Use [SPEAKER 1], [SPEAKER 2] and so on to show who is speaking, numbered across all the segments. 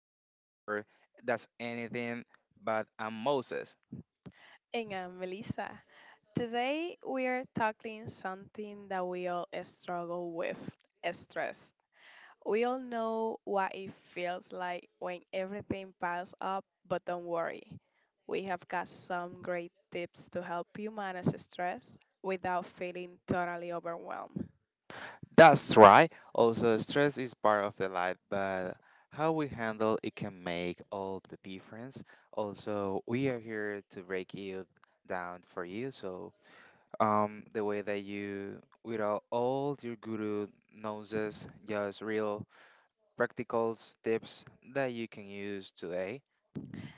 [SPEAKER 1] collecting a word that's anything but a Moses.
[SPEAKER 2] And I'm Melissa. Today we are tackling something that we all struggle with stress. We all know what it feels like when everything piles up, but don't worry. We have got some great tips to help you manage stress without feeling totally overwhelmed.
[SPEAKER 1] That's right. Also, stress is part of the life, but how we handle it can make all the difference. Also, we are here to break it down for you. So, the way that you, without all your guru nonsense, just real practical tips that you can use today.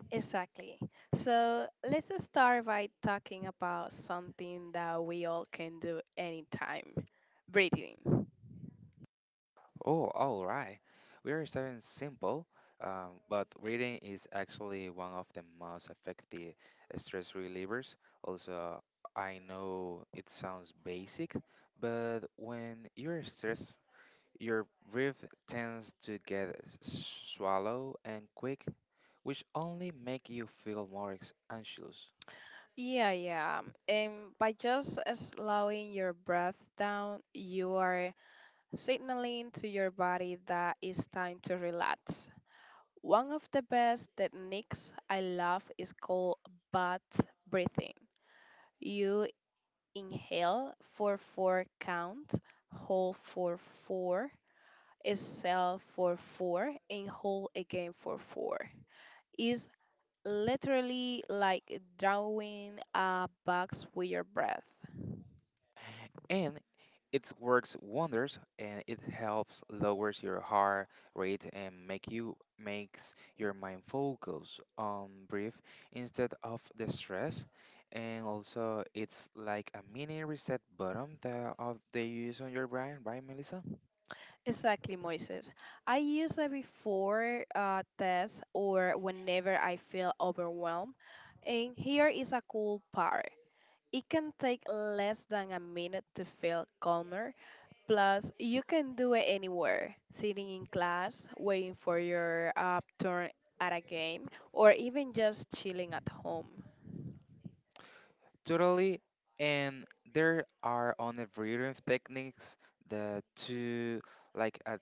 [SPEAKER 2] Exactly. So let's just start by talking about something that we all can do anytime breathing.
[SPEAKER 1] Oh, all right. We are starting simple, but reading is actually one of the most effective stress relievers. Also, I know it sounds basic, but when you're stressed, your breath tends to get shallow and quick, which only make you feel more anxious.
[SPEAKER 2] Yeah, yeah. And by just slowing your breath down, you are signaling to your body that it's time to relax. One of the best techniques I love is called butt breathing. You inhale for four counts, hold for four, exhale for four, and hold again for four. It's literally like drawing a box with your breath.
[SPEAKER 1] And it works wonders and it helps lowers your heart rate and make you makes your mind focus on breath instead of the stress, and also it's like a mini reset button that of they use on your brain, right, Melissa?
[SPEAKER 2] Exactly, Moises. I use it before tests or whenever I feel overwhelmed. And here is a cool part. It can take less than a minute to feel calmer. Plus, you can do it anywhere, sitting in class, waiting for your turn at a game, or even just chilling at home.
[SPEAKER 1] Totally. And there are on the breathing techniques, the two, like a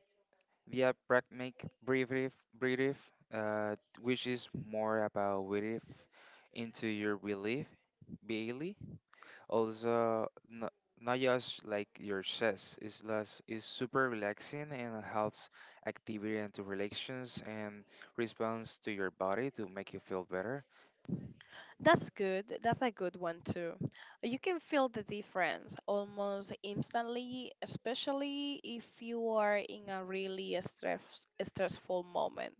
[SPEAKER 1] diaphragmatic breathing which is more about breathing into your belief, Bailey. Also, not just like your chest, it's, less, it's super relaxing and helps activity and to relations and response to your body to make you feel better.
[SPEAKER 2] That's good. That's a good one too. You can feel the difference almost instantly, especially if you are in a really stressful moment.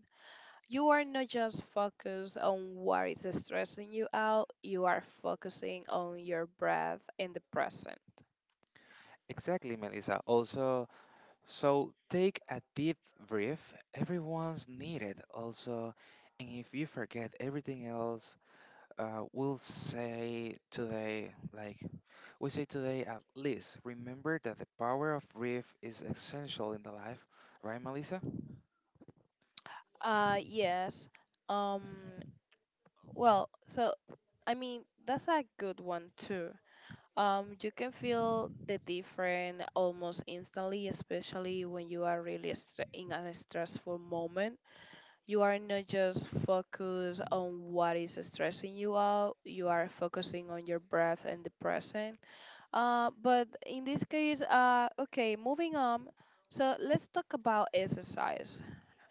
[SPEAKER 2] You are not just focused on what is stressing you out, you are focusing on your breath in the present.
[SPEAKER 1] Exactly, Melissa. Also, so take a deep breath. Everyone's needed. Also, and if you forget everything else, we'll say today, like we say today, at least remember that the power of grief is essential in the life, right, Melissa?
[SPEAKER 2] Yes. Um, well, I mean, that's a good one too. You can feel the difference almost instantly, especially when you are really in a stressful moment. You are not just focused on what is stressing you out, you are focusing on your breath and the present. But in this case, okay, moving on. So let's talk about exercise,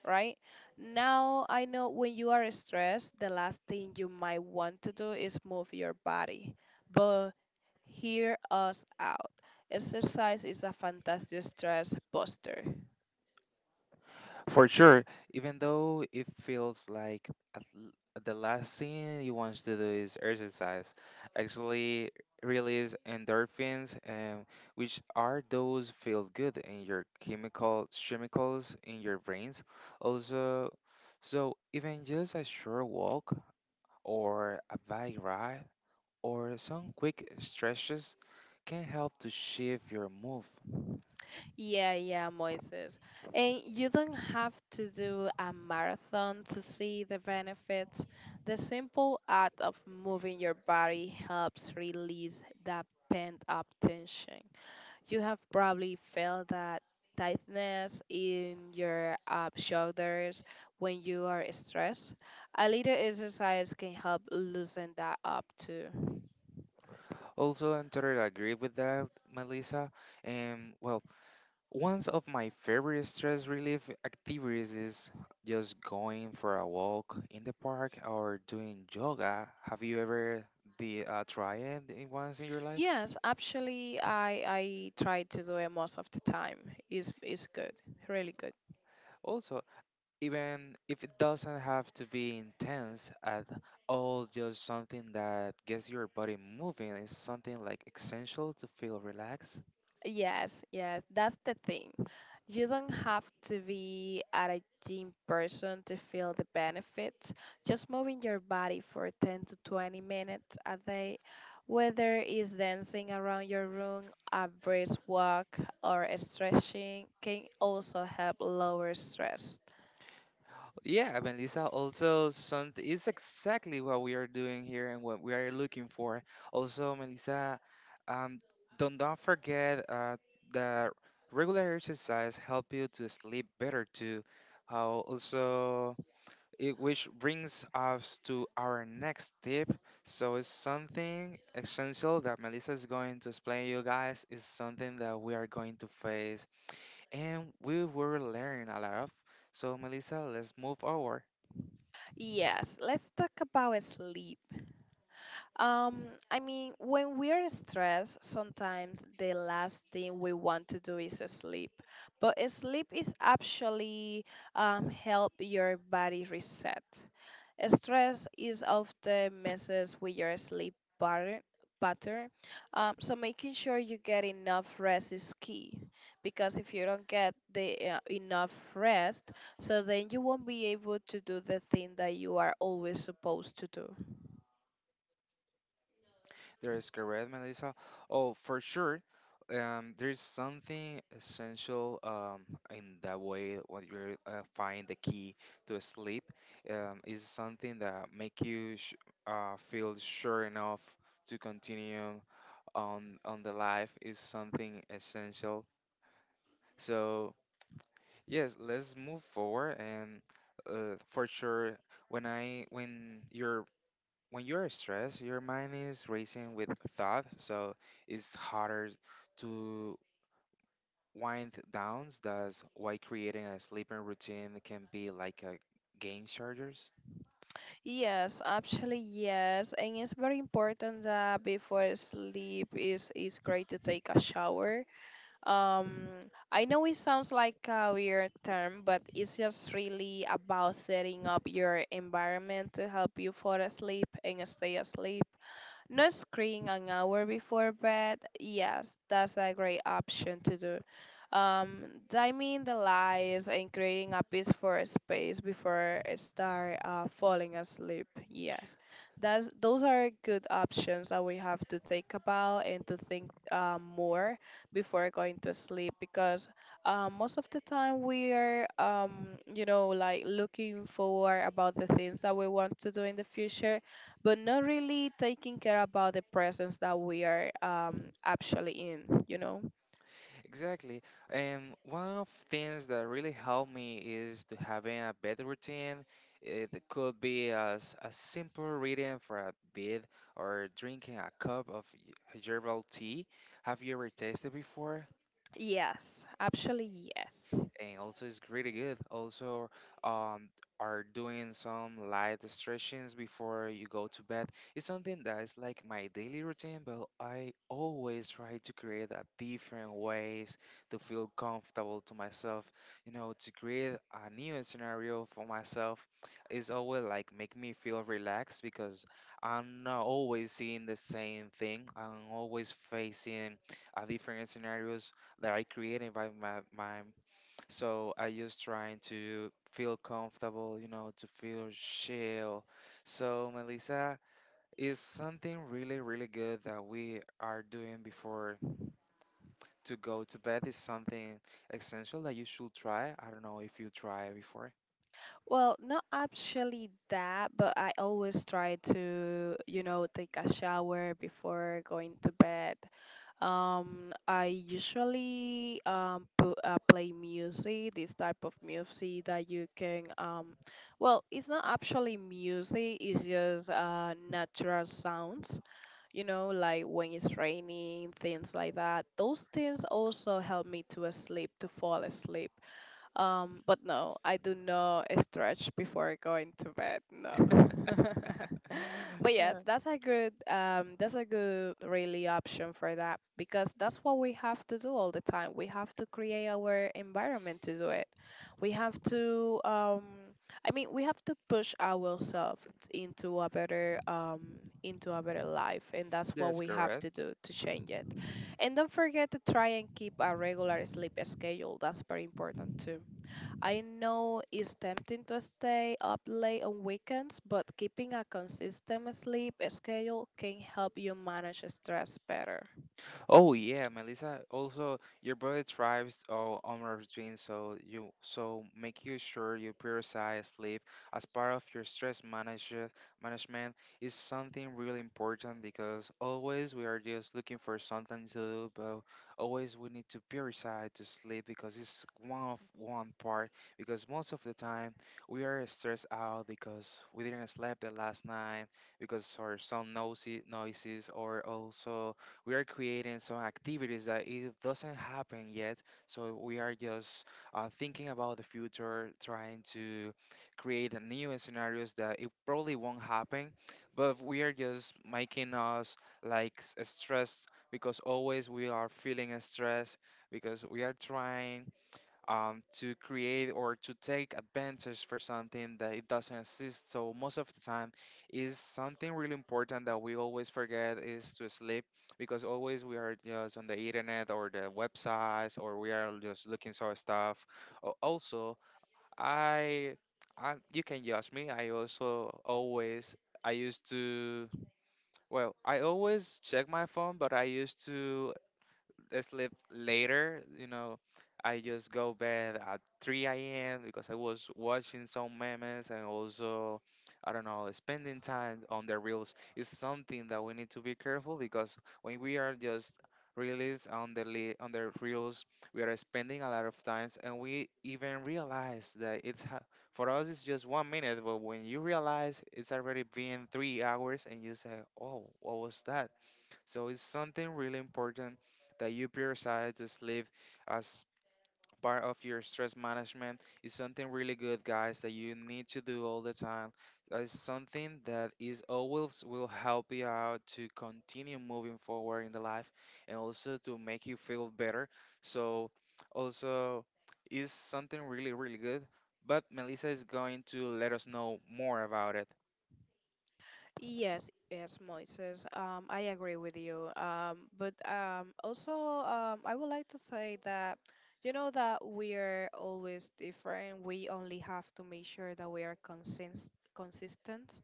[SPEAKER 2] right? Now, I know when you are stressed, the last thing you might want to do is move your body. But hear us out. Exercise is a fantastic stress buster.
[SPEAKER 1] For sure. Even though it feels like at l- the last thing you want to do is exercise, actually release endorphins, and which are those feel good in your chemicals in your brains. Also, so even just a short walk or a bike ride or some quick stretches can help to shift your move.
[SPEAKER 2] Yeah, yeah, Moises. And you don't have to do a marathon to see the benefits. The simple act of moving your body helps release that pent up tension. You have probably felt that tightness in your shoulders when you are stressed. A little exercise can help loosen that up too.
[SPEAKER 1] Also, I totally agree with that, Melissa. And well, one of my favorite stress relief activities is just going for a walk in the park or doing yoga. Have you ever the tried it once in your life?
[SPEAKER 2] Yes, actually, I try to do it most of the time. Is good, really good.
[SPEAKER 1] Also, even if it doesn't have to be intense at all, just something that gets your body moving is something like essential to feel relaxed.
[SPEAKER 2] Yes, yes, that's the thing. You don't have to be at a gym person to feel the benefits. Just moving your body for 10 to 20 minutes a day, whether it's dancing around your room, a brisk walk, or stretching, can also help lower stress.
[SPEAKER 1] Yeah, Melissa, also some is exactly what we are doing here and what we are looking for. Also, Melissa, um, don't forget that regular exercise help you to sleep better too. How also it, which brings us to our next tip. So it's something essential that Melissa is going to explain you guys. Is something that we are going to face and we will learn a lot of. So Melissa, let's move forward.
[SPEAKER 2] Yes, let's talk about sleep. I mean, when we are stressed, sometimes the last thing we want to do is sleep. But sleep is actually help your body reset. Stress is often messes with your sleep pattern. So making sure you get enough rest is key, because if you don't get the enough rest, so then you won't be able to do the thing that you are always supposed to do.
[SPEAKER 1] That is correct, Melissa. Oh, for sure. There's something essential in that way when you find the key to sleep, is something that make you sh feel sure enough to continue on the life is something essential. So yes, let's move forward and for sure when I when you're when you're stressed, your mind is racing with thoughts, so it's harder to wind down. That's why creating a sleeping routine can be like a game chargers.
[SPEAKER 2] Yes, actually yes, and it's very important that before sleep is great to take a shower. Um, I know it sounds like a weird term, but it's just really about setting up your environment to help you fall asleep and stay asleep not screen an hour before bed. Yes, that's a great option to do. Um, Dimming the lights and creating a peaceful space before I start falling asleep. Yes, that's those are good options that we have to think about and to think more before going to sleep because most of the time we are you know like looking forward about the things that we want to do in the future but not really taking care about the presence that we are actually in, you know?
[SPEAKER 1] Exactly. And one of things that really helped me is to having a bed routine. It could be as a simple reading for a bit or drinking a cup of herbal tea. Have you ever tasted before?
[SPEAKER 2] Yes, actually, yes.
[SPEAKER 1] And also it's pretty good. Also, um, are doing some light stretchings before you go to bed. It's something that is like my daily routine, but I always try to create a different ways to feel comfortable to myself. You know, to create a new scenario for myself is always like make me feel relaxed because I'm not always seeing the same thing. I'm always facing a different scenarios that I created by my, so I just trying to feel comfortable, you know, to feel chill. So Melissa, is something really, really good that we are doing before to go to bed is something essential that you should try. I don't know if you try before.
[SPEAKER 2] Well, not actually that, but I always try to, you know, take a shower before going to bed. I usually play music, this type of music that you can well, it's not actually music, it's just natural sounds. You know, like when it's raining, things like that. Those things also help me to sleep, to fall asleep. But no, I do not stretch before going to bed. No. But yes, that's a good really option for that because that's what we have to do all the time. We have to create our environment to do it. We have to I mean we have to push ourselves into a better um into a better life and that's what
[SPEAKER 1] That's
[SPEAKER 2] we have
[SPEAKER 1] correct.
[SPEAKER 2] to do to change it. And don't forget to try and keep a regular sleep schedule. That's very important too. I know it's tempting to stay up late on weekends, but keeping a consistent sleep schedule can help you manage stress better.
[SPEAKER 1] Oh yeah, Melissa. Also, your body thrives on routine, so you so make you sure you prioritize sleep as part of your stress manage. Management is something really important because always we are just looking for something to do, but always we need to prioritize to sleep because it's one of one part. Because most of the time we are stressed out because we didn't sleep the last night because or some noisy noises, or also we are creating some activities that it doesn't happen yet. So we are just thinking about the future, trying to create a new scenarios that it probably won't happen, but we are just making us like stressed because always we are feeling stressed because we are trying to create or to take advantage for something that it doesn't exist. So most of the time is something really important that we always forget is to sleep because always we are just on the internet or the websites or we are just looking for stuff. Also, I, I you can judge me. I also always I used to well, I always check my phone, but I used to sleep later. You know, I just go bed at 3 a.m. because I was watching some memes and also, I don't know, spending time on the reels is something that we need to be careful because when we are just released on on the reels, we are spending a lot of times and we even realize that it's for us it's just 1 minute, but when you realize it's already been 3 hours and you say, oh, what was that? So it's something really important that you prioritize to sleep as part of your stress management. It's something really good, guys, that you need to do all the time. It's something that is always will help you out to continue moving forward in the life and also to make you feel better. So also is something really, really good. But Melissa is going to let us know more about it.
[SPEAKER 2] Yes, yes, Moises. I agree with you. I would like to say that you know that we are always different. We only have to make sure that we are consistent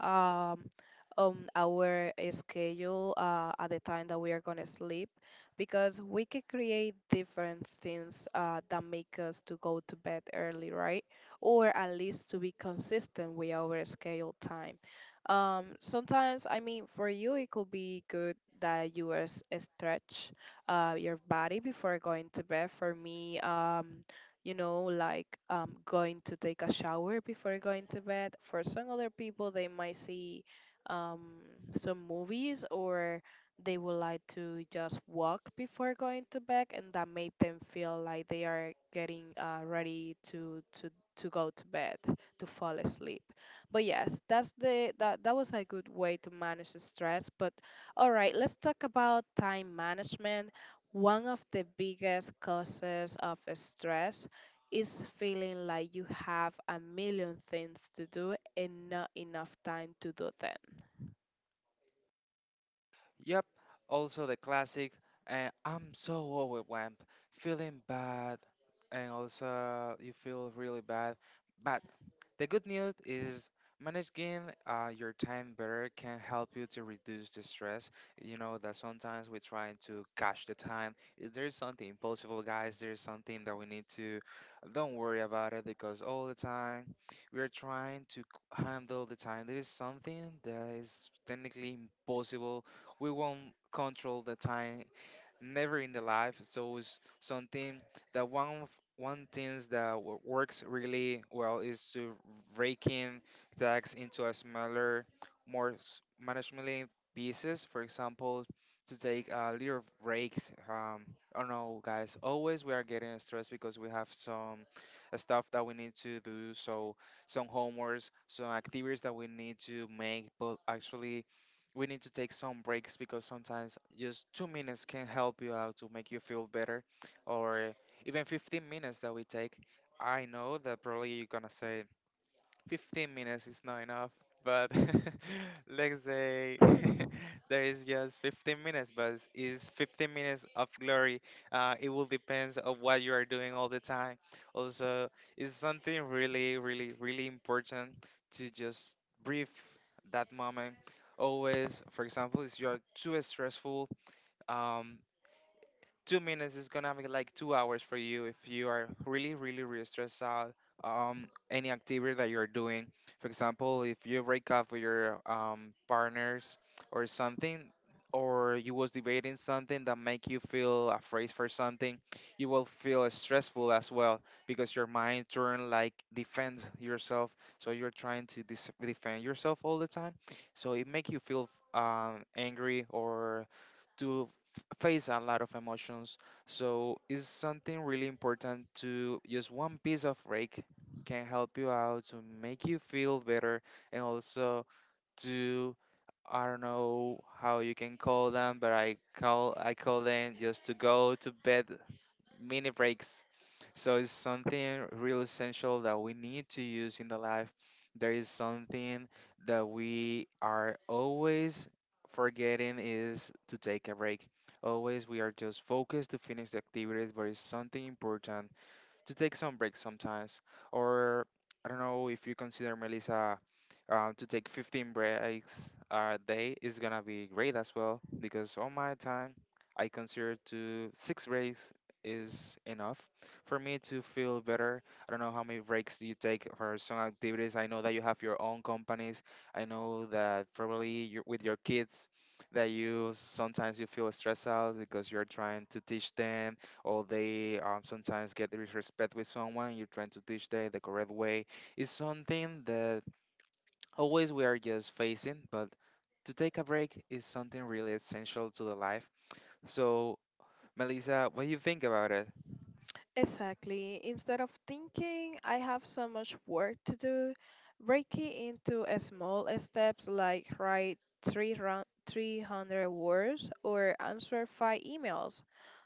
[SPEAKER 2] um, on our schedule at the time that we are gonna sleep, because we can create different things that make us to go to bed early, right? Or at least to be consistent with our schedule time sometimes, I mean, for you, it could be good that you stretch your body before going to bed. For me, you know, like going to take a shower before going to bed. For some other people, they might see um, some movies or they would like to just walk before going to bed, and that made them feel like they are getting ready to go to bed to fall asleep but yes that's the that was a good way to manage the stress but all right, let's talk about time management. One of the biggest causes of stress is feeling like you have a million things to do and not enough time to do them.
[SPEAKER 1] Yep, also the classic, and I'm so overwhelmed, feeling bad, and also you feel really bad. But the good news is managing your time better can help you to reduce the stress. You know that sometimes we're trying to catch the time. If there's something impossible, guys. There's something that we need to don't worry about it because all the time we are trying to handle the time. There is something that is technically impossible, we won't control the time, never in the life. So it's something that one things that works really well is to breaking tags into a smaller, more managementally pieces. For example, to take a little breaks. I don't know, guys. Always we are getting stressed because we have some stuff that we need to do. So some homeworks, some activities that we need to make, but actually we need to take some breaks because sometimes just 2 minutes can help you out to make you feel better, or even 15 minutes that we take. I know that probably you're gonna say, 15 minutes is not enough, but let's say there is just 15 minutes, but it's 15 minutes of glory. It will depends on what you are doing all the time. Also, it's something really, really, really important to just brief that moment. Always, for example, if you are too stressful, Um 2 minutes is gonna be like 2 hours for you if you are really really really stressed out, um, any activity that you're doing. For example, if you break up with your partners or something, or you was debating something that make you feel afraid for something, you will feel stressful as well because your mind turn like defend yourself, so you're trying to defend yourself all the time, so it make you feel angry or to face a lot of emotions. So it's something really important to just one piece of rake can help you out to make you feel better and also to, I don't know how you can call them, but I call them just to go to bed mini breaks. So it's something real essential that we need to use in the life. There is something that we are always forgetting is to take a break. Always we are just focused to finish the activities, but it's something important to take some breaks sometimes. Or I don't know if you consider Melissa, to take 15 breaks a day is gonna be great as well because on my time I consider to 6 breaks is enough for me to feel better. I don't know how many breaks do you take for some activities. I know that you have your own companies. I know that probably you with your kids that you sometimes you feel stressed out because you're trying to teach them or they sometimes get disrespect with someone you're trying to teach them the correct way. It's something that always we are just facing but to take a break is something really essential to the life so Melissa, what do you think about it?
[SPEAKER 2] Exactly. Instead of thinking I have so much work to do, break it into a small steps like write 3 300 words or answer 5 emails.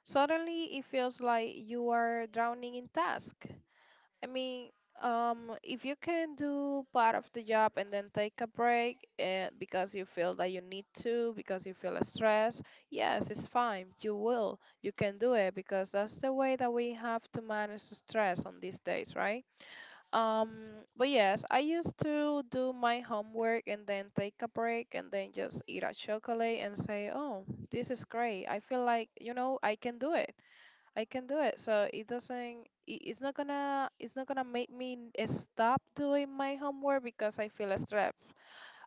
[SPEAKER 2] Suddenly it feels like you are drowning in tasks. I mean, if you can do part of the job and then take a break because you feel that you need to, because you feel stressed, yes, it's fine. You will. You can do it because that's the way that we have to manage the stress on these days, right? Um, but yes, I used to do my homework and then take a break and then just eat a chocolate and say, oh, this is great. I feel like, you know, I can do it. I can do it. So it doesn't. It's not gonna. It's not gonna make me stop doing my homework because I feel stressed.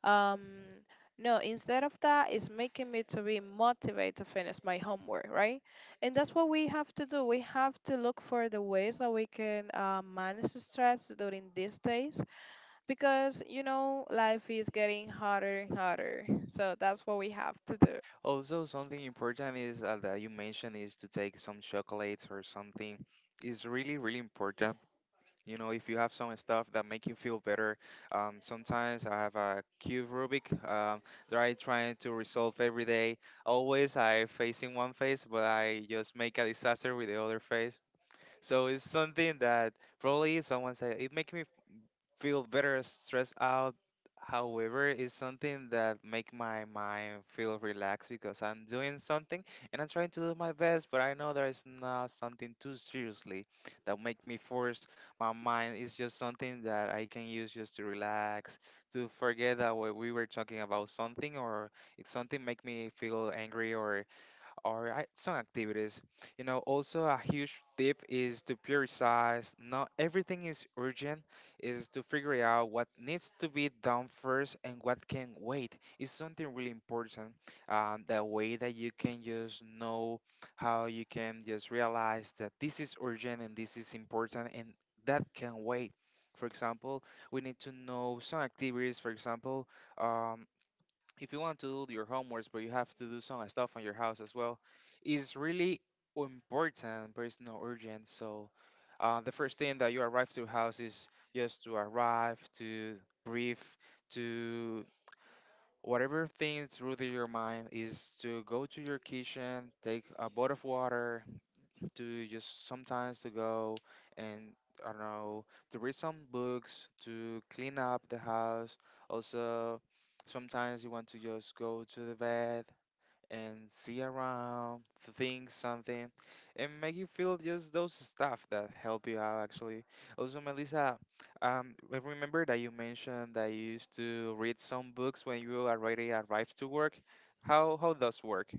[SPEAKER 2] Um, no. Instead of that, it's making me to be motivated to finish my homework, right? And that's what we have to do. We have to look for the ways that we can manage the stress during these days because you know life is getting harder and harder. So that's what we have to do.
[SPEAKER 1] Also something important is that you mentioned is to take some chocolates or something is really really important. You know, if you have some stuff that make you feel better, sometimes I have a cube Rubik that I trying to resolve every day. Always I facing one face, but I just make a disaster with the other face. So it's something that probably someone said it makes me feel better stressed out. However, it's something that make my mind feel relaxed because I'm doing something and I'm trying to do my best, but I know there is not something too seriously that make me force my mind. It's just something that I can use just to relax, to forget that what we were talking about something or if something make me feel angry or right, some activities. You know, also a huge tip is to prioritize. Not everything is urgent, is to figure out what needs to be done first and what can wait. It's something really important. The way that you can just know how you can just realize that this is urgent and this is important and that can wait. For example, we need to know some activities. For example, um, if you want to do your homeworks, but you have to do some stuff on your house as well, is really important, but it's not urgent. So, the first thing that you arrive to your house is just to arrive, to breathe, to whatever thing through your mind is to go to your kitchen, take a bowl of water, to just sometimes to go and I don't know to read some books, to clean up the house. Also, sometimes you want to just go to the bed and see around, think something, and make you feel just those stuff that help you out actually. Also, Melissa, I remember that you mentioned that you used to read some books when you already arrived to work. How does work?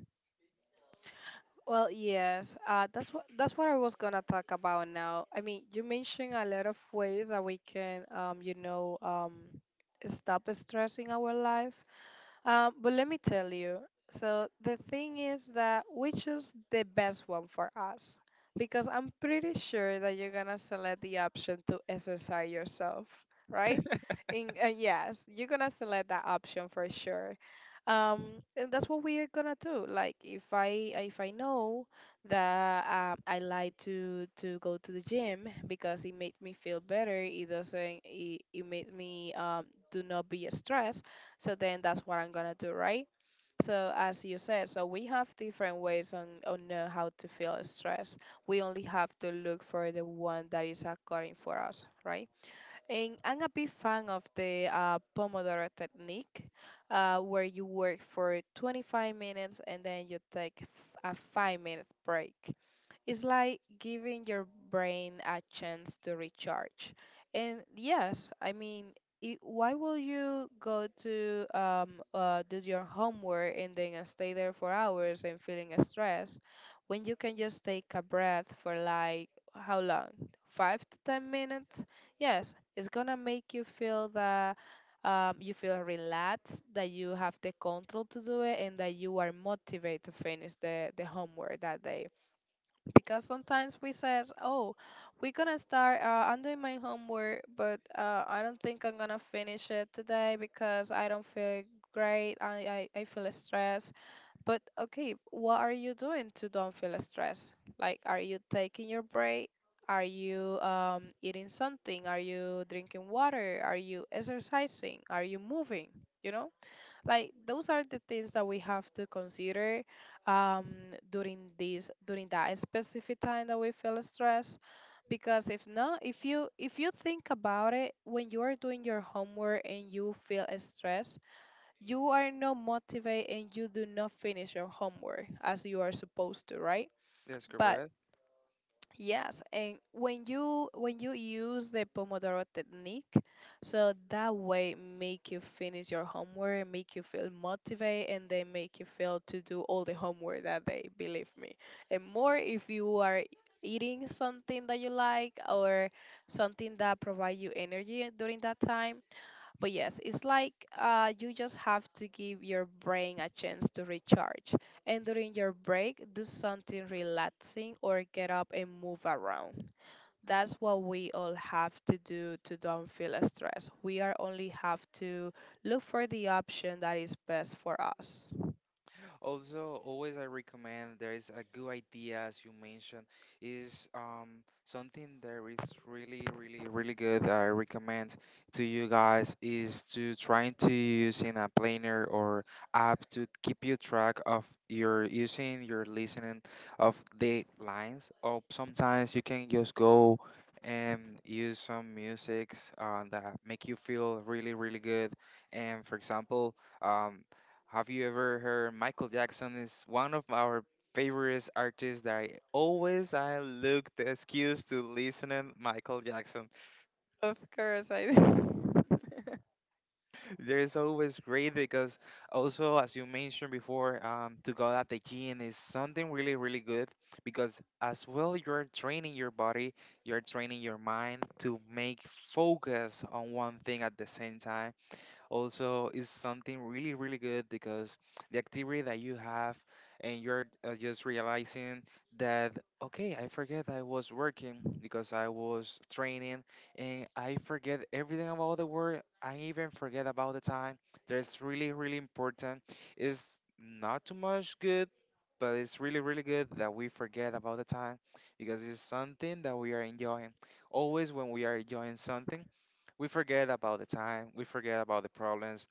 [SPEAKER 2] Well, yes, that's what I was gonna talk about now. I mean, you mentioned a lot of ways that we can, you know, stop stressing our life. But let me tell you. So the thing is that we choose the best one for us because I'm pretty sure that you're gonna select the option to exercise yourself, right? In, yes, you're gonna select that option for sure. And that's what we are gonna do. Like if I know that I like to go to the gym because it makes me feel better. It doesn't. It makes me do not be stressed so then that's what I'm gonna do, right? So as you said, so we have different ways on know how to feel stress. We only have to look for the one that is according for us, right? And I'm a big fan of the Pomodoro technique, where you work for 25 minutes and then you take a 5 minutes break. It's like giving your brain a chance to recharge. And yes, I mean, I why will you go to do your homework and then stay there for hours and feeling stressed when you can just take a breath for like how long? 5 to 10 minutes? Yes, it's gonna make you feel that you feel relaxed, that you have the control to do it, and that you are motivated to finish the homework that day, because sometimes we says, oh, we're gonna start I'm doing my homework, but I don't think I'm gonna finish it today because I don't feel great. I feel stressed. But okay, what are you doing to don't feel stressed? Like, are you taking your break? Are you eating something? Are you drinking water? Are you exercising? Are you moving, you know? Like, those are the things that we have to consider um, during this during that specific time that we feel stressed. Because if not, if you think about it, when you are doing your homework and you feel stressed, you are not motivated and you do not finish your homework as you are supposed to, right?
[SPEAKER 1] That's
[SPEAKER 2] But
[SPEAKER 1] correct.
[SPEAKER 2] yes, and when you use the Pomodoro technique, so that way make you finish your homework, make you feel motivated, and then make you feel to do all the homework that day, believe me. And more if you are eating something that you like, or something that provide you energy during that time. But yes, it's like you just have to give your brain a chance to recharge. And during your break, do something relaxing or get up and move around. That's what we all have to do to don't feel stressed. We are only have to look for the option that is best for us.
[SPEAKER 1] Also, always I recommend there is a good idea as you mentioned is something that is really really really good that I recommend to you guys is to trying to use in a planner or app to keep you track of your using your listening of the lines or sometimes you can just go and use some musics that make you feel really really good and for example um. Have you ever heard Michael Jackson is one of our favorite artists that I always I look the excuse to listen to Michael Jackson.
[SPEAKER 2] Of course, I
[SPEAKER 1] There is always great because also as you mentioned before, to go at the gym is something really really good because as well you're training your body, you're training your mind to make focus on one thing at the same time also is something really really good because the activity that you have and you're just realizing that okay I forget I was working because I was training and I forget everything about the work I even forget about the time that's really really important it's not too much good but it's really really good that we forget about the time because it's something that we are enjoying always when we are enjoying something we forget about the time. We forget about the problems.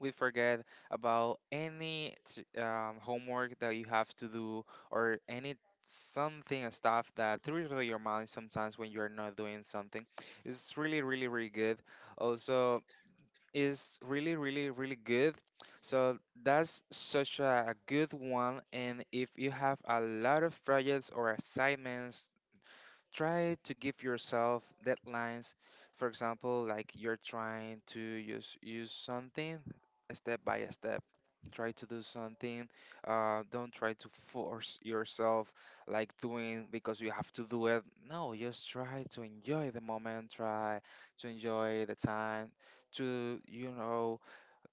[SPEAKER 1] We forget about any homework that you have to do or any something and stuff that thrills your mind sometimes when you're not doing something. It's really, really, really good. Also, it's really, really, really good. So that's such a good one. And if you have a lot of projects or assignments try to give yourself deadlines. For example, like you're trying to use something step by step. Try to do something. Don't try to force yourself like doing because you have to do it. No, just try to enjoy the moment. Try to enjoy the time. To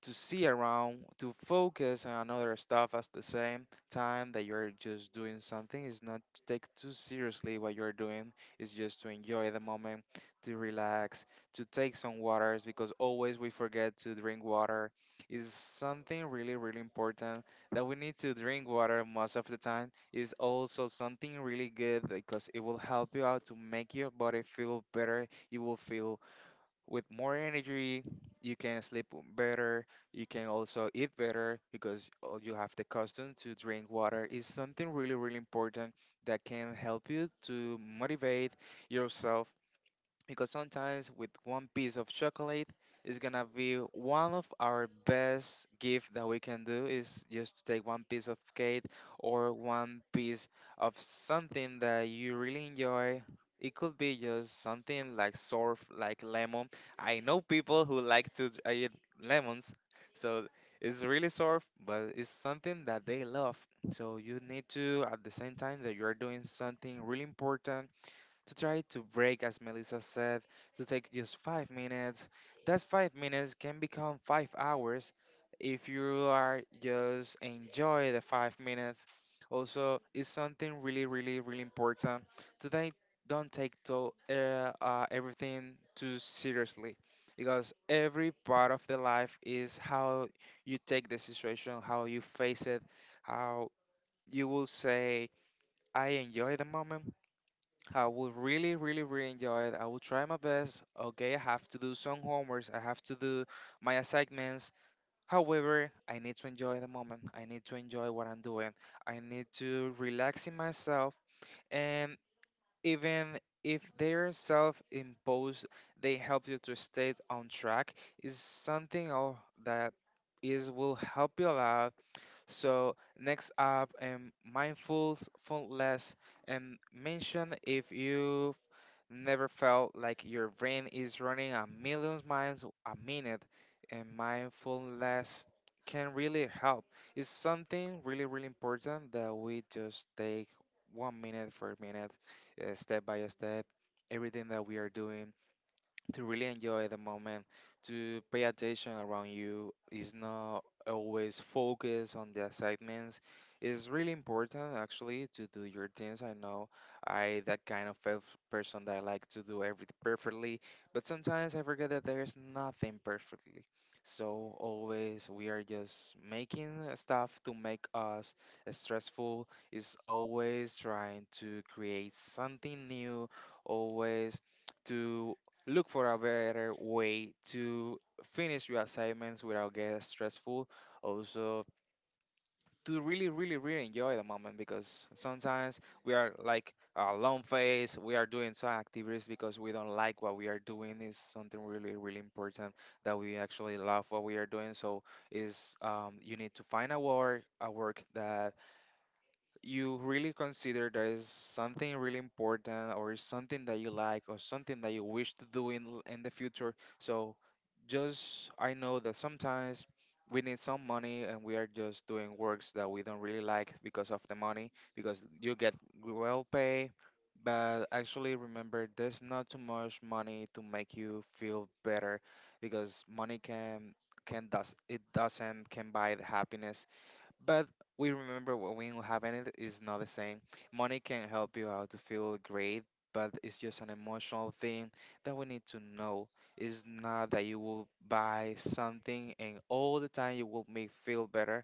[SPEAKER 1] to see around, to focus on other stuff at the same time that you're just doing something is not to take too seriously what you're doing. It's just to enjoy the moment, to relax, to take some waters because always we forget to drink water. Is something really, really important that we need to drink water most of the time. Is also something really good because it will help you out to make your body feel better. You will feel with more energy you can sleep better you can also eat better because all you have the custom to drink water is something really really important that can help you to motivate yourself because sometimes with one piece of chocolate it's gonna be one of our best gift that we can do is just take one piece of cake or one piece of something that you really enjoy it could be just something like surf like lemon I know people who like to eat lemons so it's really surf but it's something that they love so you need to at the same time that you are doing something really important to try to break, as Melissa said, to take just 5 minutes. That 5 minutes can become 5 hours if you are just enjoy the 5 minutes. Also, it's something really, really, really important. Today, don't take to, everything too seriously because every part of the life is how you take the situation, how you face it, how you will say, I enjoy the moment I will really, really, really enjoy it. I will try my best. Okay, I have to do some homeworks. I have to do my assignments. However, I need to enjoy the moment. I need to enjoy what I'm doing. I need to relax in myself. And even if they're self-imposed, they help you to stay on track. Is something else that is will help you a lot. So next up, mindful, less and mention if you Never felt like your brain is running a million miles a minute, and mindfulness can really help. It's something really, really important that we just take 1 minute for a minute, step by step, everything that we are doing to really enjoy the moment, to pay attention around you is not always focus on the assignments. It's really important actually to do your things. I know I that kind of person that I like to do everything perfectly, but sometimes I forget that there is nothing perfectly. So always we are just making stuff to make us stressful. Is always trying to create something new, always to Look for a better way to finish your assignments without getting stressful. Also, to really, really, really enjoy the moment because sometimes we are like a long phase, we are doing some activities because we don't like what we are doing. Is something really, really important that we actually love what we are doing. So is you need to find a work that you really consider there is something really important or something that you like or something that you wish to do in in the future. So just I know that sometimes we need some money and we are just doing works that we don't really like because of the money because you get well paid but actually remember there's not too much money to make you feel better because money can does it doesn't can buy the happiness but we remember when we don't have it is not the same. Money can help you out to feel great, but it's just an emotional thing that we need to know. It's not that you will buy something and all the time you will make feel better.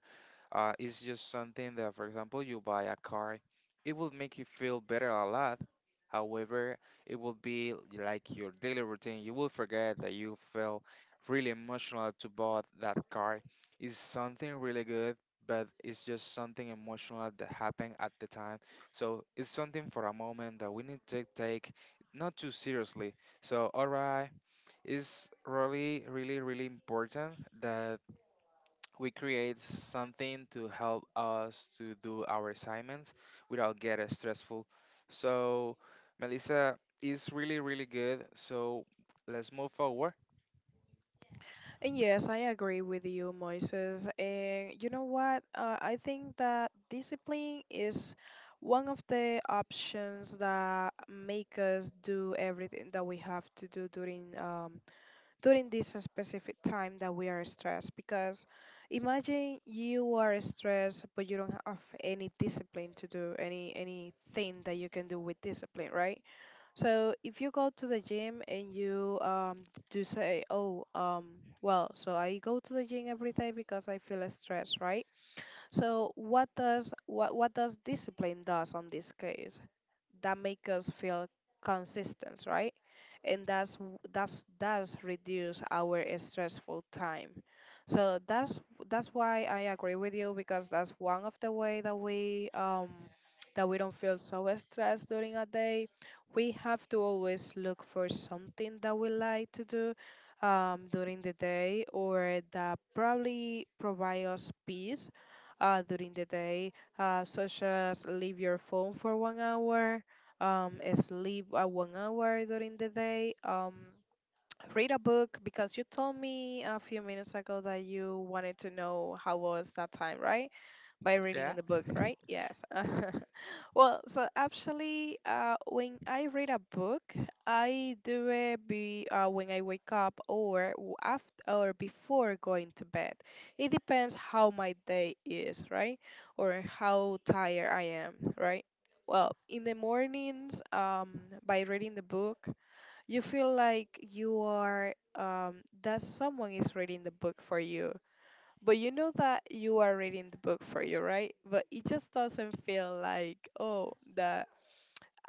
[SPEAKER 1] It's just something that, for example, you buy a car, it will make you feel better a lot, however, it will be like your daily routine. You will forget that you felt really emotional to bought that car. It's something really good, but it's just something emotional that happened at the time. So it's something for a moment that we need to take not too seriously. So, alright, it's really, really, really important that we create something to help us to do our assignments without getting stressful. So, Melissa is really, really good. So, let's move forward.
[SPEAKER 2] yes, I agree with you, Moises. And you know what? I think that discipline is one of the options that make us do everything that we have to do during during this specific time that we are stressed. Because imagine you are stressed, but you don't have any discipline to do anything that you can do with discipline, right? So if you go to the gym and you do say, oh, well, so I go to the gym every day because I feel stressed, right? So what does what does discipline does on this case? That make us feel consistent, right? And that's reduce our stressful time. So that's why I agree with you, because that's one of the way that we don't feel so stressed during a day. We have to always look for something that we like to do during the day, or that probably provide us peace during the day, such as leave your phone for 1 hour, sleep 1 hour during the day, read a book because you told me a few minutes ago that you wanted to know how was that time, right? By reading
[SPEAKER 1] Yeah.
[SPEAKER 2] in the book, right? Yes. Well, so actually, when I read a book, I do it when I wake up, or after or before going to bed. It depends how my day is, right? Or how tired I am, right? Well, in the mornings, by reading the book, you feel like you are that someone is reading the book for you, but you know that you are reading the book for you, right? But it just doesn't feel like, oh, that.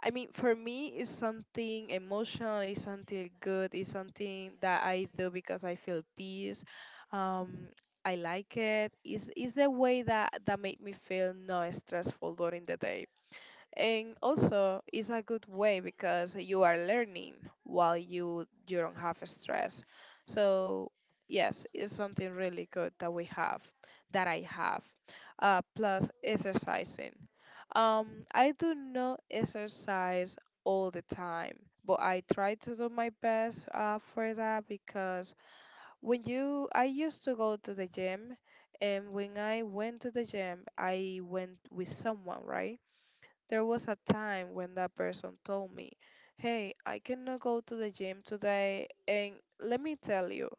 [SPEAKER 2] I mean, for me, it's something emotional, it's something good, it's something that I do because I feel peace. Um, I like it. It's the way that made me feel not stressful during the day. And also, it's a good way because you are learning while you don't have stress. So yes, it's something really good that we have, that I have, plus exercising. Um, I do not exercise all the time, but I try to do my best for that. Because when you I used to go to the gym, and when I went to the gym I went with someone, right? There was a time when that person told me, "Hey, I cannot go to the gym today." And let me tell you,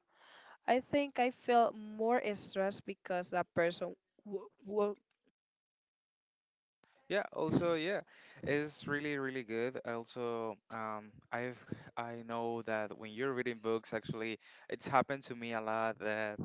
[SPEAKER 2] I think I felt more stressed because that person w- w-
[SPEAKER 1] Yeah, also, yeah, it's really, really good. Also, I know that when you're reading books, actually, it's happened to me a lot that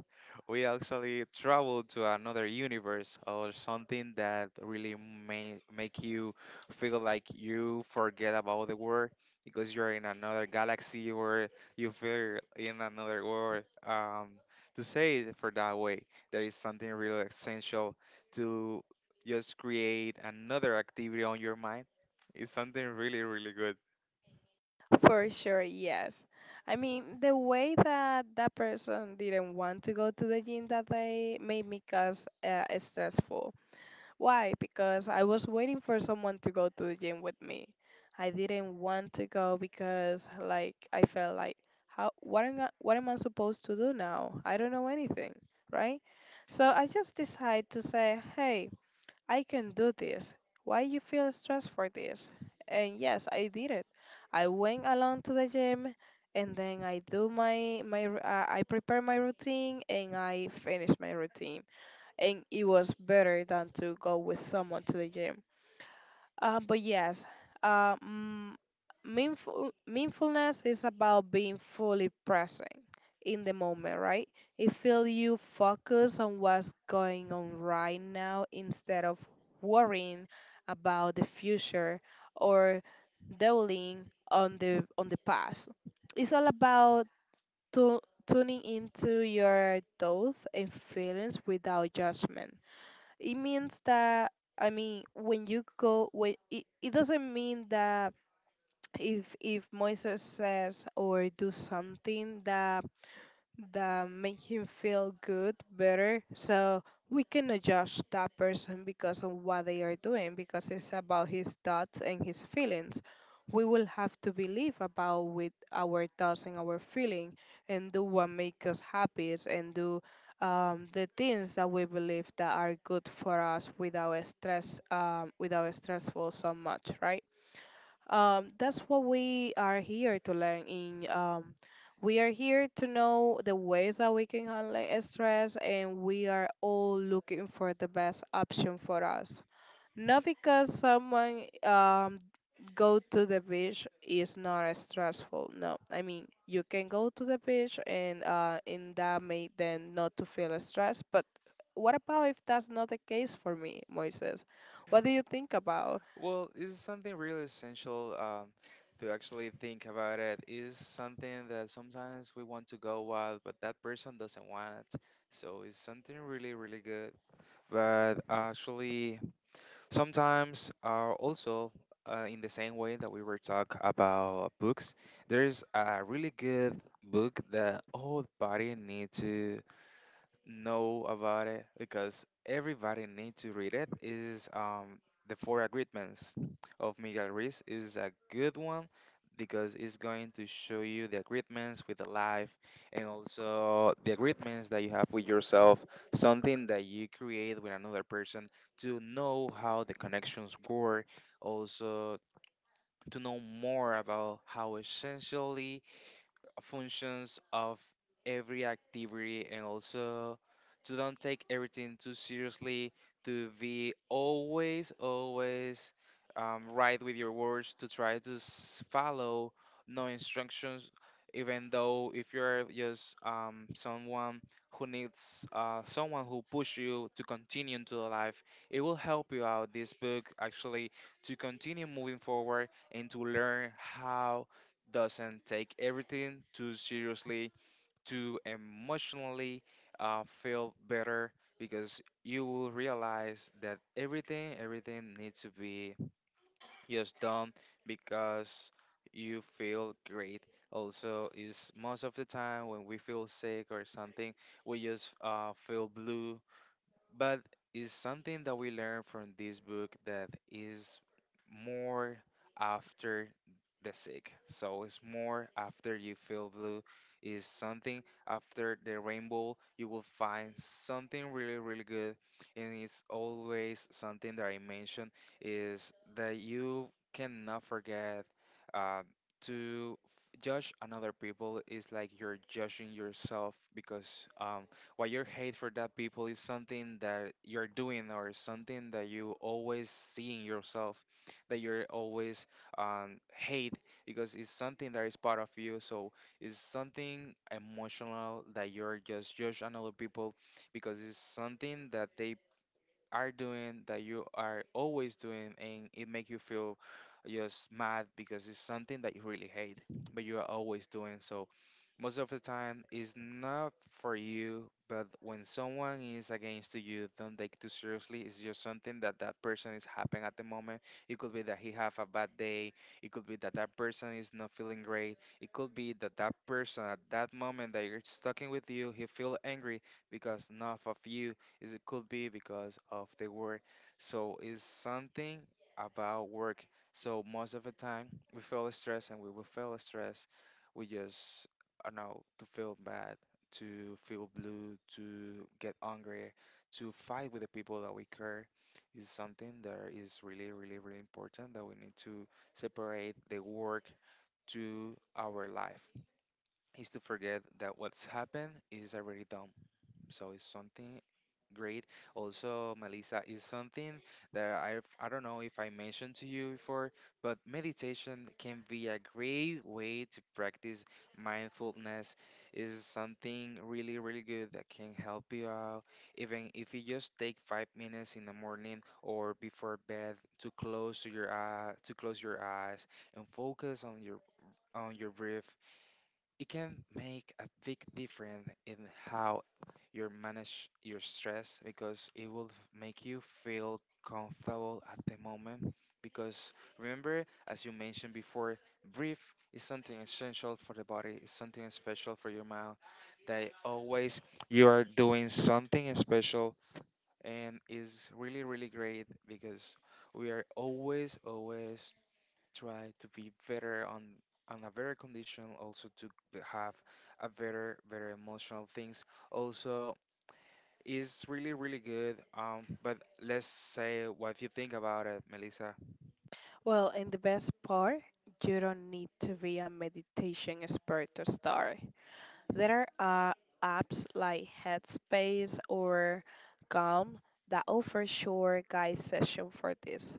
[SPEAKER 1] we actually travel to another universe or something that really may make you feel like you forget about the world because you're in another galaxy or you feel in another world. To say it for that way, there is something really essential to just create another activity on your mind. It's something really, really good.
[SPEAKER 2] for sure, yes. I mean, the way that that person didn't want to go to the gym that day made me cause stressful. Why? Because I was waiting for someone to go to the gym with me. I didn't want to go because like I felt like, how, what am I supposed to do now? I don't know anything, right? So I just decided to say, "Hey, I can do this. Why you feel stressed for this?" And yes, I did it. I went along to the gym, and then I do my I prepare my routine and I finish my routine, and it was better than to go with someone to the gym. But yes, um, meaningful, meaningfulness is about being fully present in the moment, right? It feels you focus on what's going on right now instead of worrying about the future, or dwelling on the past. It's all about tu- tuning into your thoughts and feelings without judgment. It means that, I mean, when you go when it doesn't mean that if Moses says or do something that make him feel good, better. So we cannot judge that person because of what they are doing, because it's about his thoughts and his feelings. We will have to believe about with our thoughts and our feeling, and do what make us happy, and do the things that we believe that are good for us without stress, without stressful so much, right? That's what we are here to learn in. We are here to know the ways that we can handle stress, and we are all looking for the best option for us. Not because someone go to the beach is not stressful. No, I mean, you can go to the beach and in that may then not to feel stressed. But what about if that's not the case for me, Moises? What do you think about?
[SPEAKER 1] Well, it's something really essential to actually think about it. Is something that sometimes we want to go wild, but that person doesn't want it. So it's something really, really good. But actually, sometimes also in the same way that we were talk about books, there's a really good book that all body need to know about it because everybody needs to read it is the four agreements of Miguel Ruiz is a good one because it's going to show you the agreements with the life and also the agreements that you have with yourself, something that you create with another person to know how the connections work, also to know more about how essentially functions of every activity, and also to don't take everything too seriously, to be always always right with your words, to try to follow no instructions, even though if you're just someone who needs someone who push you to continue into the life, it will help you out this book actually to continue moving forward and to learn how doesn't take everything too seriously, to emotionally feel better, because you will realize that everything needs to be just done because you feel great. Also is most of the time when we feel sick or something we just feel blue, but it's something that we learn from this book that is more after the sick. So it's more after you feel blue. Is something after the rainbow. You will find something really, really good, and it's always something that I mentioned is that you cannot forget uh, to judge another people. Is like you're judging yourself because what your hate for that people is something that you're doing or something that you always see in yourself that you're always hate because it's something that is part of you, so it's something emotional that you're just judge another people because it's something that they are doing that you are always doing and it make you feel just mad because it's something that you really hate but you are always doing. So most of the time it's not for you, but when someone is against to you, don't take it too seriously. It's just something that that person is happening at the moment. It could be that he have a bad day, it could be that that person is not feeling great, it could be that that person at that moment that you're talking with you he feel angry because none of you is, it could be because of the work. So it's something about work. So most of the time we feel stress and we will feel stress. We just I know to feel bad, to feel blue, to get angry, to fight with the people that we care is something that is really, really, really important that we need to separate the work to our life is to forget that what's happened is already done. So it's something great. Also, Melissa, is something that I don't know if I mentioned to you before, but meditation can be a great way to practice mindfulness. Is something really really good that can help you out, even if you just take 5 minutes in the morning or before bed to close to your eye to close your eyes and focus on your breath. It can make a big difference in how you manage your stress because it will make you feel comfortable at the moment. Because remember, as you mentioned before, breathe is something essential for the body, it's something special for your mind. That always you are doing something special and is really, really great because we are always, always try to be better on a better condition, also to have a better better emotional things, also is really really good. But let's say what you think about it, Melissa.
[SPEAKER 2] Well, and the best part, you don't need to be a meditation expert to start. There are apps like Headspace or Calm that offer short guide session for this.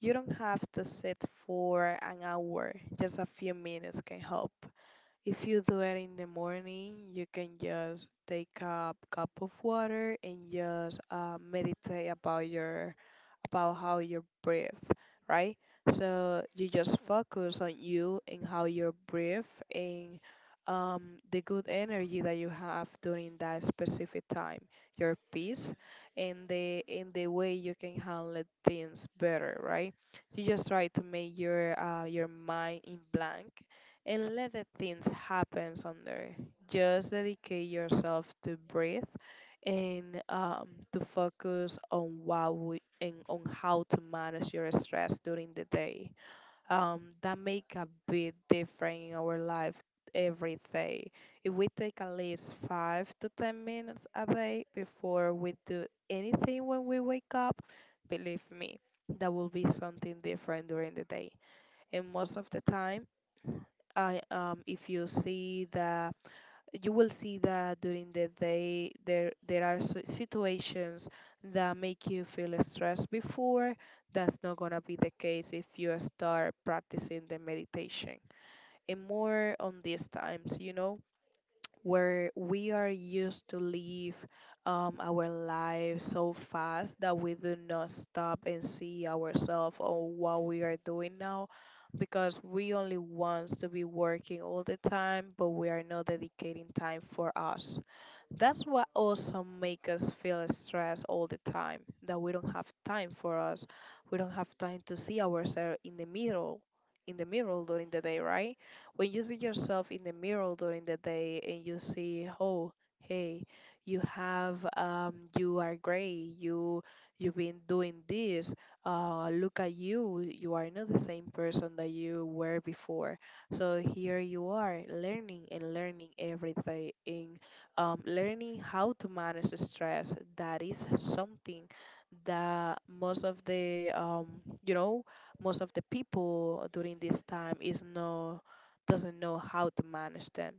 [SPEAKER 2] You don't have to sit for an hour, just a few minutes can help. If you do it in the morning, you can just take a cup of water and just meditate about your about how you breathe, right? So you just focus on you and how you breathe, and the good energy that you have during that specific time, your peace, and the in the way you can handle things better, right? You just try to make your mind in blank and let the things happen on there. Just dedicate yourself to breathe, and to focus on what we, and on how to manage your stress during the day. That make a big difference in our life every day. If we take at least 5 to 10 minutes a day before we do anything when we wake up, believe me, that will be something different during the day. And most of the time, I if you see the you will see that during the day there are situations that make you feel stressed before, that's not going to be the case if you start practicing the meditation. And more on these times, you know, where we are used to live our lives so fast that we do not stop and see ourselves or what we are doing now, because we only want to be working all the time, but we are not dedicating time for us. That's what also make us feel stressed all the time, that we don't have time for us. We don't have time to see ourselves in the mirror during the day, right? When you see yourself in the mirror during the day and you see, oh, hey, you have, you are great, you, you've been doing this. Look at you, you are not the same person that you were before. So here you are learning and learning every day, and learning how to manage the stress, that is something that most of the you know, most of the people during this time is no doesn't know how to manage them.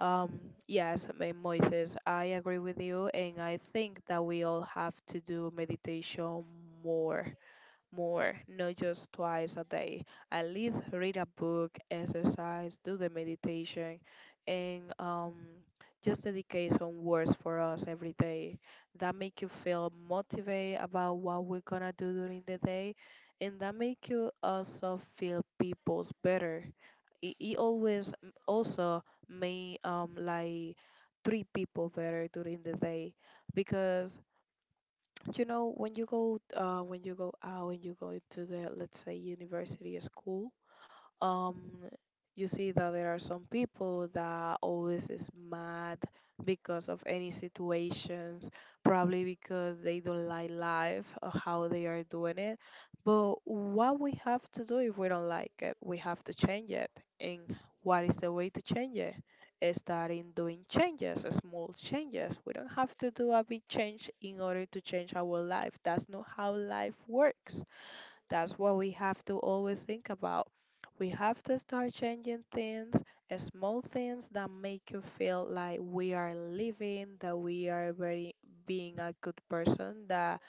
[SPEAKER 2] Um, yes, Moises, I agree with you, and I think that we all have to do meditation more, more, not just twice a day. At least read a book, exercise, do the meditation, and just dedicate some words for us every day. That make you feel motivated about what we're gonna do during the day, and that make you also feel people's better. It always also made like treat people better during the day, because when you go out and you go into the, let's say, university or school, um you see that there are some people that always is mad because of any situations, probably because they don't like life or how they are doing it. But what we have to do, if we don't like it, we have to change it. And what is the way to change it? Is starting doing changes, small changes. We don't have to do a big change in order to change our life. That's not how life works. That's what we have to always think about. We have to start changing things, small things that make you feel like we are living, that we are very being a good person, that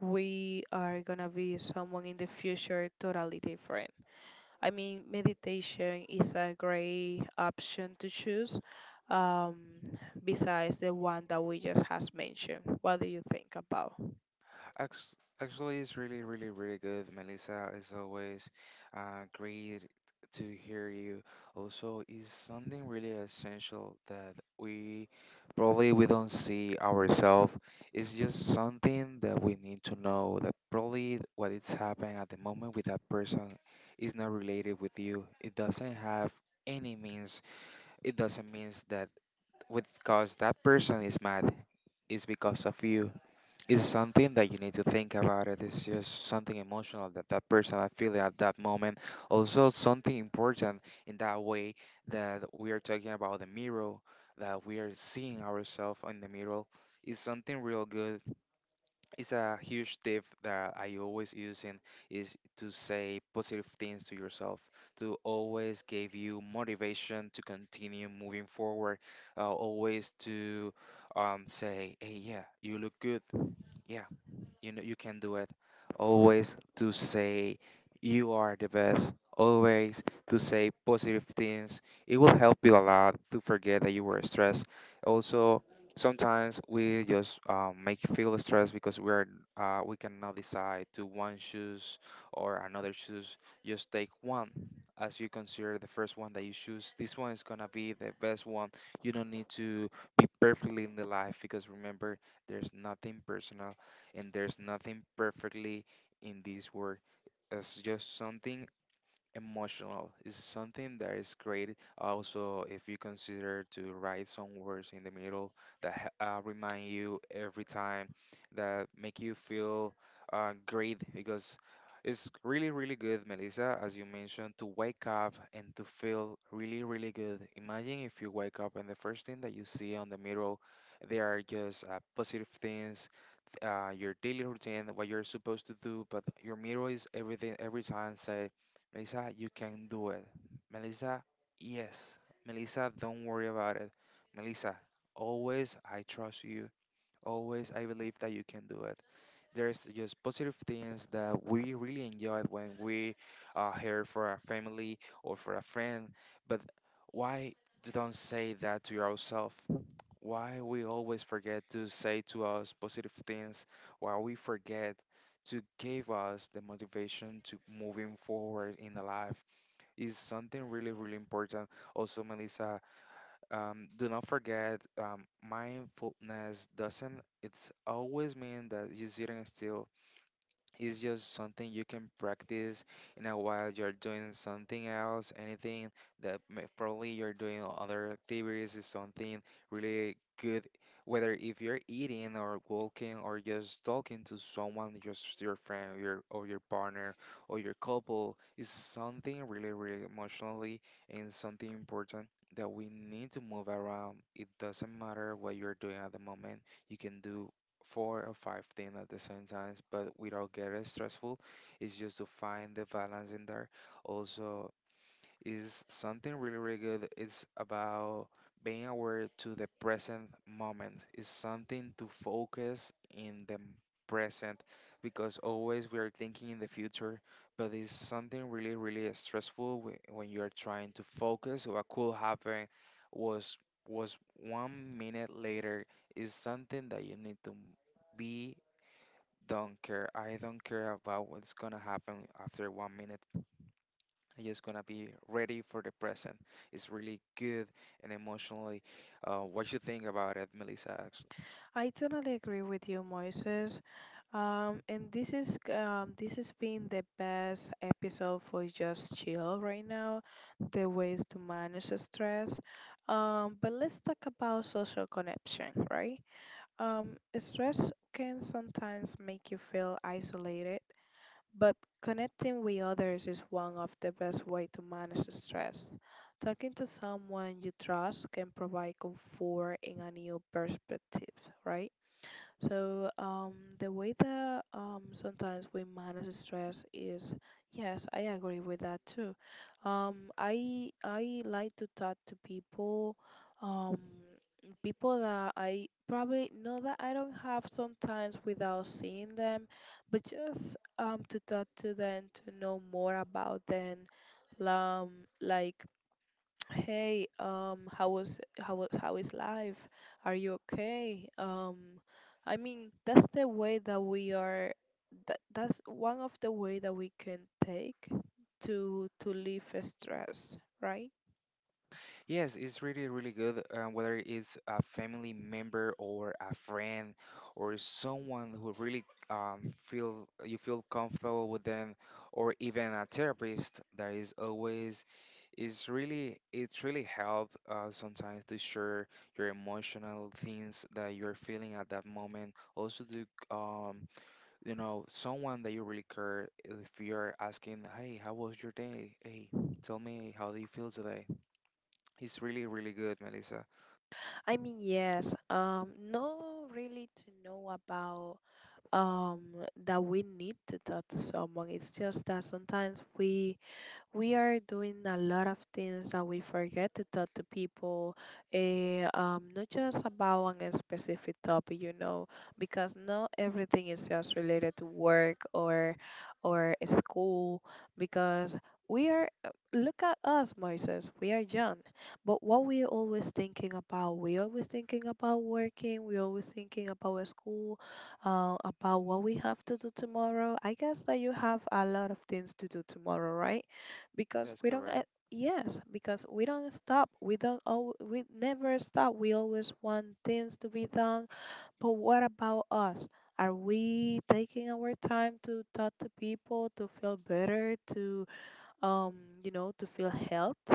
[SPEAKER 2] we are gonna be someone in the future totally different. I mean, meditation is a great option to choose, um, besides the one that we just has mentioned. What do you think about?
[SPEAKER 1] Ax- Actually, it's really, really, really good, Melissa. As always, great to hear you. Also, is something really essential that we probably we don't see ourselves. It's just something that we need to know that probably what it's happening at the moment with that person is not related with you. It doesn't have any means. It doesn't means that with because that person is mad, it's because of you. It's something that you need to think about. It's just something emotional that that person I feel at that moment. Also something important, in that way that we are talking about the mirror, that we are seeing ourselves in the mirror, is something real good. It's a huge tip that I always using is to say positive things to yourself, to always give you motivation to continue moving forward, always to say, "Hey, yeah, you look good, yeah." You know, you can do it. Always to say you are the best. Always to say positive things. It will help you a lot to forget that you were stressed. Also, sometimes we just make you feel stressed because we're we cannot decide to one shoes or another shoes. Just take one, as you consider the first one that you choose. This one is gonna be the best one. You don't need to be perfectly in the life because remember there's nothing personal and there's nothing perfectly in this world. It's just something emotional. It's something that is created. Also, if you consider to write some words in the middle that remind you every time, that make you feel great because it's really, really good, Melissa, as you mentioned, to wake up and to feel really, really good. Imagine if you wake up and the first thing that you see on the mirror, they are just positive things, your daily routine, what you're supposed to do, but your mirror is everything every time say, "Melissa, you can do it. Melissa, yes. Melissa, don't worry about it. Melissa, always I trust you. Always I believe that you can do it." There's just positive things that we really enjoy when we are here for our family or for a friend, but why you don't say that to yourself? Why we always forget to say to us positive things, why we forget to give us the motivation to moving forward in the life is something really, really important. Also, Melissa, do not forget mindfulness doesn't it's always mean that you're sitting still. It's just something you can practice in a while you're doing something else, anything that probably you're doing other activities is something really good, whether if you're eating or walking or just talking to someone, just your friend your, or your partner or your couple, is something really, really emotionally and something important that we need to move around. It doesn't matter what you're doing at the moment, you can do 4 or 5 things at the same time, but without getting stressful. It's just to find the balance in there. Also, is something really, really good. It's about being aware to the present moment. It's something to focus in the present because always we are thinking in the future, but it's something really, really stressful when you are trying to focus. What could happen was was 1 minute later is something that you need to be don't care. I don't care about what's gonna happen after 1 minute. I'm just gonna be ready for the present. It's really good and emotionally. What you think about it, Melissa? Actually,
[SPEAKER 2] I totally agree with you, Moises. And this is, this has been the best episode for Just Chill right now. The ways to manage the stress. But let's talk about social connection, right? Stress can sometimes make you feel isolated, but connecting with others is one of the best way to manage the stress. Talking to someone you trust can provide comfort and a new perspective, right? So the way that, sometimes we manage stress is, yes, I agree with that too. I like to talk to people, um, people that I probably know that I don't have sometimes without seeing them, but just to talk to them to know more about them, um, like, hey, how is life? Are you okay? I mean, that's the way that we are. That's one of the way that we can take to leave stress, right?
[SPEAKER 1] yes, it's really, really good. Whether it's a family member or a friend or someone who really feel you feel comfortable with them, or even a therapist that is always is really it's really help sometimes to share your emotional things that you're feeling at that moment. Also to you know, someone that you really care, if you're asking, "Hey, how was your day? Hey, tell me, how do you feel today?" It's really, really good, Melissa.
[SPEAKER 2] I mean, yes. No, really, to know about, um that we need to talk to someone. It's just that sometimes we are doing a lot of things that we forget to talk to people, eh, not just about one specific topic, you know, because not everything is just related to work or school. Because we are, uh, look at us, Moises, we are young, but what we always thinking about, we always thinking about working, we always thinking about school, about what we have to do tomorrow. I guess that you have a lot of things to do tomorrow, right? because
[SPEAKER 1] That's
[SPEAKER 2] we don't
[SPEAKER 1] correct.
[SPEAKER 2] Yes, because we don't stop, we don't al- we never stop, we always want things to be done. But what about us? Are we taking our time to talk to people, to feel better, to um feel health,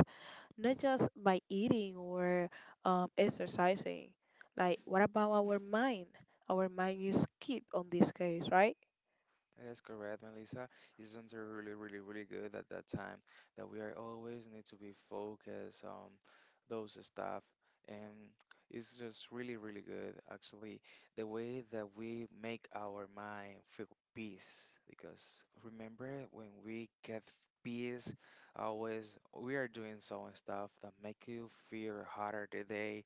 [SPEAKER 2] not just by eating or, exercising. Like, what about our mind? Our mind is keep on this case, right?
[SPEAKER 1] That's correct, Melissa. It's something really, really, really good at that time that we are always need to be focused on those stuff. And it's just really, really good, actually, the way that we make our mind feel peace. Because remember, when we get peace, always we are doing some stuff that make you feel harder today,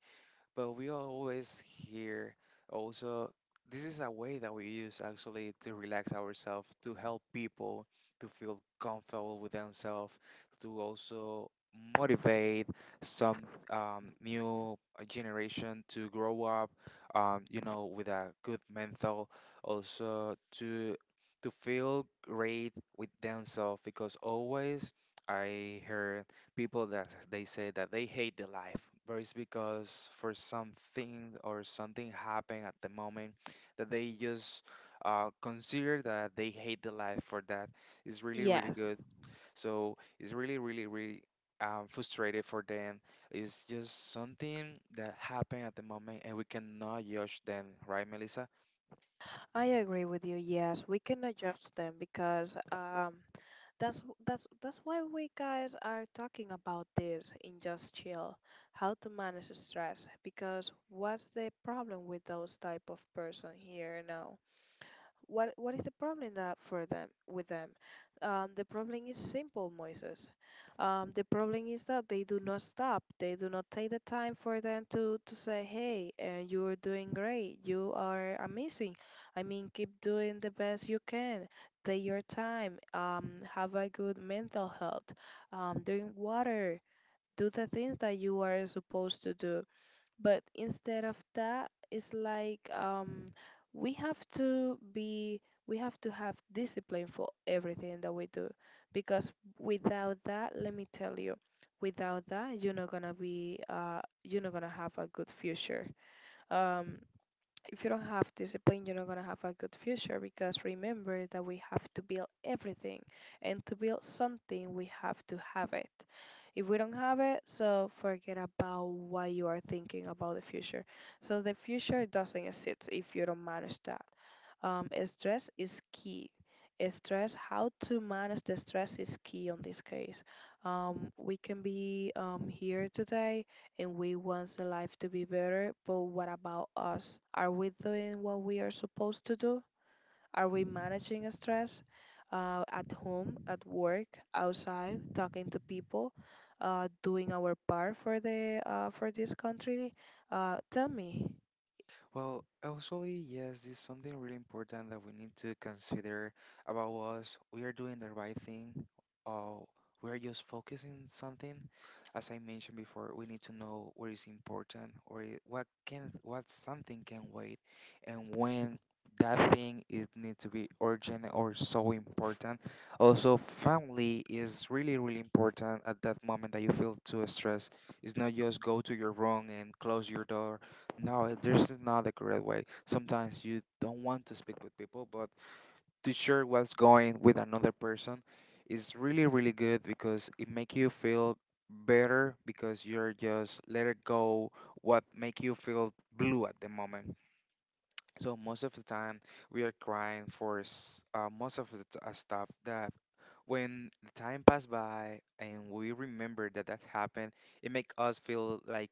[SPEAKER 1] but we always hear also this is a way that we use actually to relax ourselves, to help people to feel comfortable with themselves, to also motivate some new generation to grow up, with a good mental, also to feel great with themselves because always I heard people that they say that they hate the life, but it's because for something or something happened at the moment that they just consider that they hate the life for that. It's really, really good.
[SPEAKER 2] Yes,
[SPEAKER 1] So it's really, really, really frustrated for them. It's just something that happened at the moment, and we cannot judge them, right, Melissa?
[SPEAKER 2] I agree with you. Yes, we can adjust them because, That's that's why we guys are talking about this in Just Chill, how to manage stress. Because what's the problem with those type of person here now? What is the problem that for them with them? The problem is simple, Moises. The problem is that they do not stop. They do not take the time for them to say, "Hey, you are doing great. You are amazing. I mean, keep doing the best you can. Take your time. Have a good mental health. Drink water. Do the things that you are supposed to do." But instead of that, it's like, we have to be we have to have discipline for everything that we do, because without that, let me tell you, without that, you're not gonna have a good future. um if you don't have discipline, you're not going to have a good future, because remember that we have to build everything. And to build something, we have to have it. If we don't have it, so forget about what you are thinking about the future. So the future doesn't exist if you don't manage that. Stress is key. Stress, how to manage the stress is key on this case. We can be, here today, and we want the life to be better, but what about us? Are we doing what we are supposed to do? Are we managing stress, at home, at work, outside, talking to people, doing our part for the for this country? Tell me.
[SPEAKER 1] Well, actually, yes, this is something really important that we need to consider about us. We are doing the right thing, or we are just focusing something. As I mentioned before, we need to know what is important or what something can wait, and when that thing is need to be urgent or so important. Also, family is really really important at that moment that you feel too stressed. It's not just go to your room and close your door. No, eh, there's is not a correct way. Sometimes you don't want to speak with people, but to share what's going with another person is really, really good because it make you feel better because you're just let it go what make you feel blue at the moment. So most of the time, we are crying for most of the stuff that when the time passed by and we remember that that happened, it make us feel like,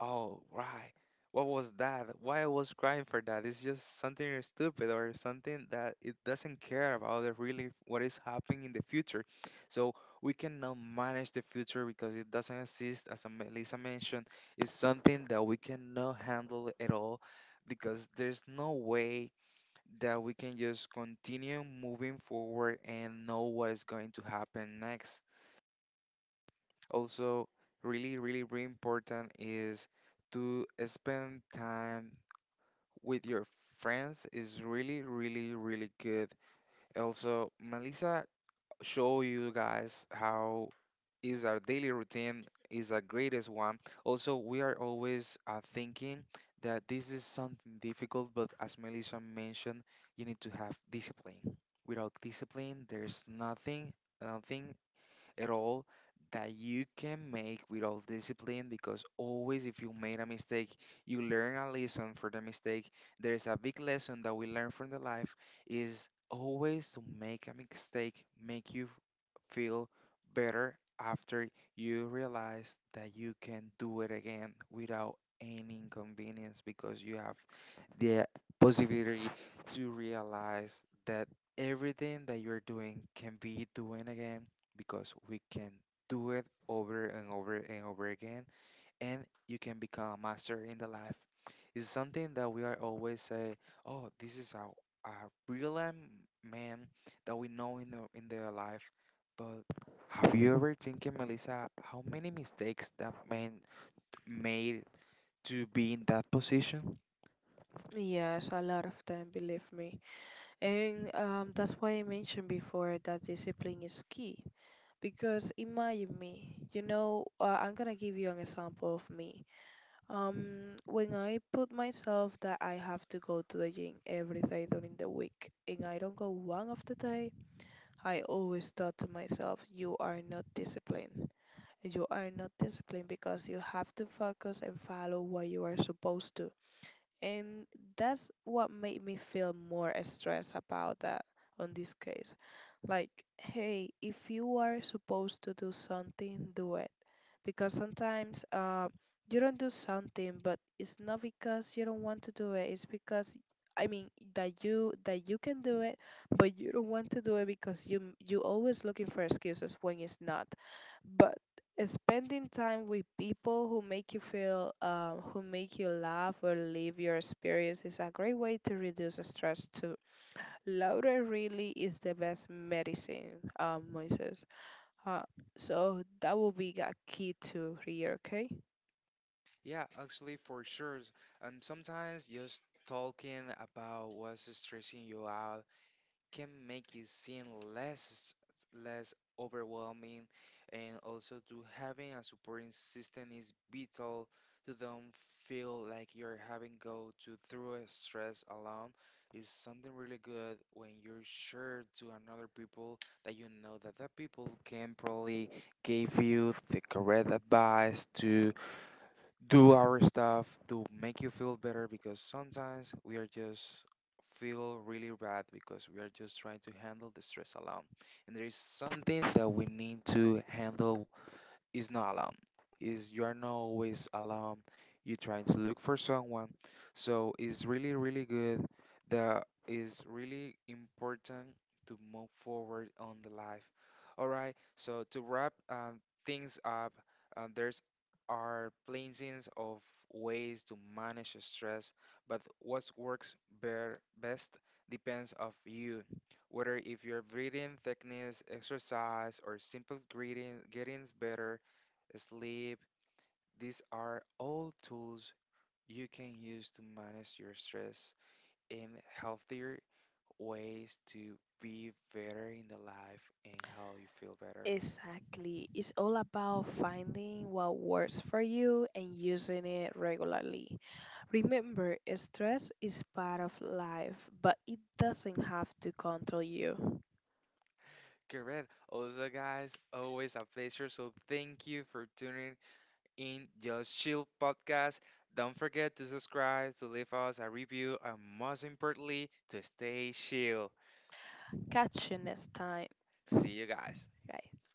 [SPEAKER 1] oh, right, what was that? Why I was crying for that? It's just something stupid or something that it doesn't care about the really what is happening in the future. So we cannot manage the future because it doesn't exist. As Lisa mentioned, it's something that we cannot handle at all because there's no way that we can just continue moving forward and know what is going to happen next. Also, really, really, really important is to spend time with your friends is really, really, really good. Also, Melissa show you guys how is our daily routine is our greatest one. Also, we are always thinking that this is something difficult, but as Melissa mentioned, you need to have discipline. Without discipline, there's nothing, nothing at all that you can make with all discipline because always if you made a mistake, you learn a lesson for the mistake. There is a big lesson that we learn from the life is always to make a mistake make you feel better after you realize that you can do it again without any inconvenience because you have the possibility to realize that everything that you're doing can be doing again because we can do it over and over and over again, and you can become a master in the life. It's something that we are always say, oh, this is a real am- man that we know in their life, but have you ever thinking, Melissa, how many mistakes that man made to be in that position?
[SPEAKER 2] Yes, a lot of them, believe me. And that's why I mentioned before that discipline is key. Because imagine me, I'm gonna give you an example of me. When I put myself that I have to go to the gym every day during the week, and I don't go one of the day, I always thought to myself, you are not disciplined. You are not disciplined, because you have to focus and follow what you are supposed to. And that's what made me feel more stressed about that on this case. Like, hey, if you are supposed to do something, do it. Because sometimes, you don't do something, but it's not because you don't want to do it. It's because, I mean, that you can do it, but you don't want to do it because you always looking for excuses when it's not. But spending time with people who make you feel, who make you laugh or live your experience is a great way to reduce stress too. Laughter really is the best medicine, Moises, uh, so that will be a key to here, okay.
[SPEAKER 1] Yeah, actually, for sure. And sometimes just talking about what's stressing you out can make it seem less less overwhelming, and also to having a supporting system is vital to don't feel like you're having go to through a stress alone. Is something really good when you're sure to another people that you know that that people can probably give you the correct advice to do our stuff to make you feel better because sometimes we are just feel really bad because we are just trying to handle the stress alone, and there is something that we need to handle is not alone, is you are not always alone, you're trying to look for someone, so it's really really good that is really important to move forward on the life. All right, so to wrap things up, there's our places
[SPEAKER 2] Exactly. It's all about finding what works for you and using it regularly. Remember, stress is part of life, but it doesn't have to control you. Catch you next time, guys.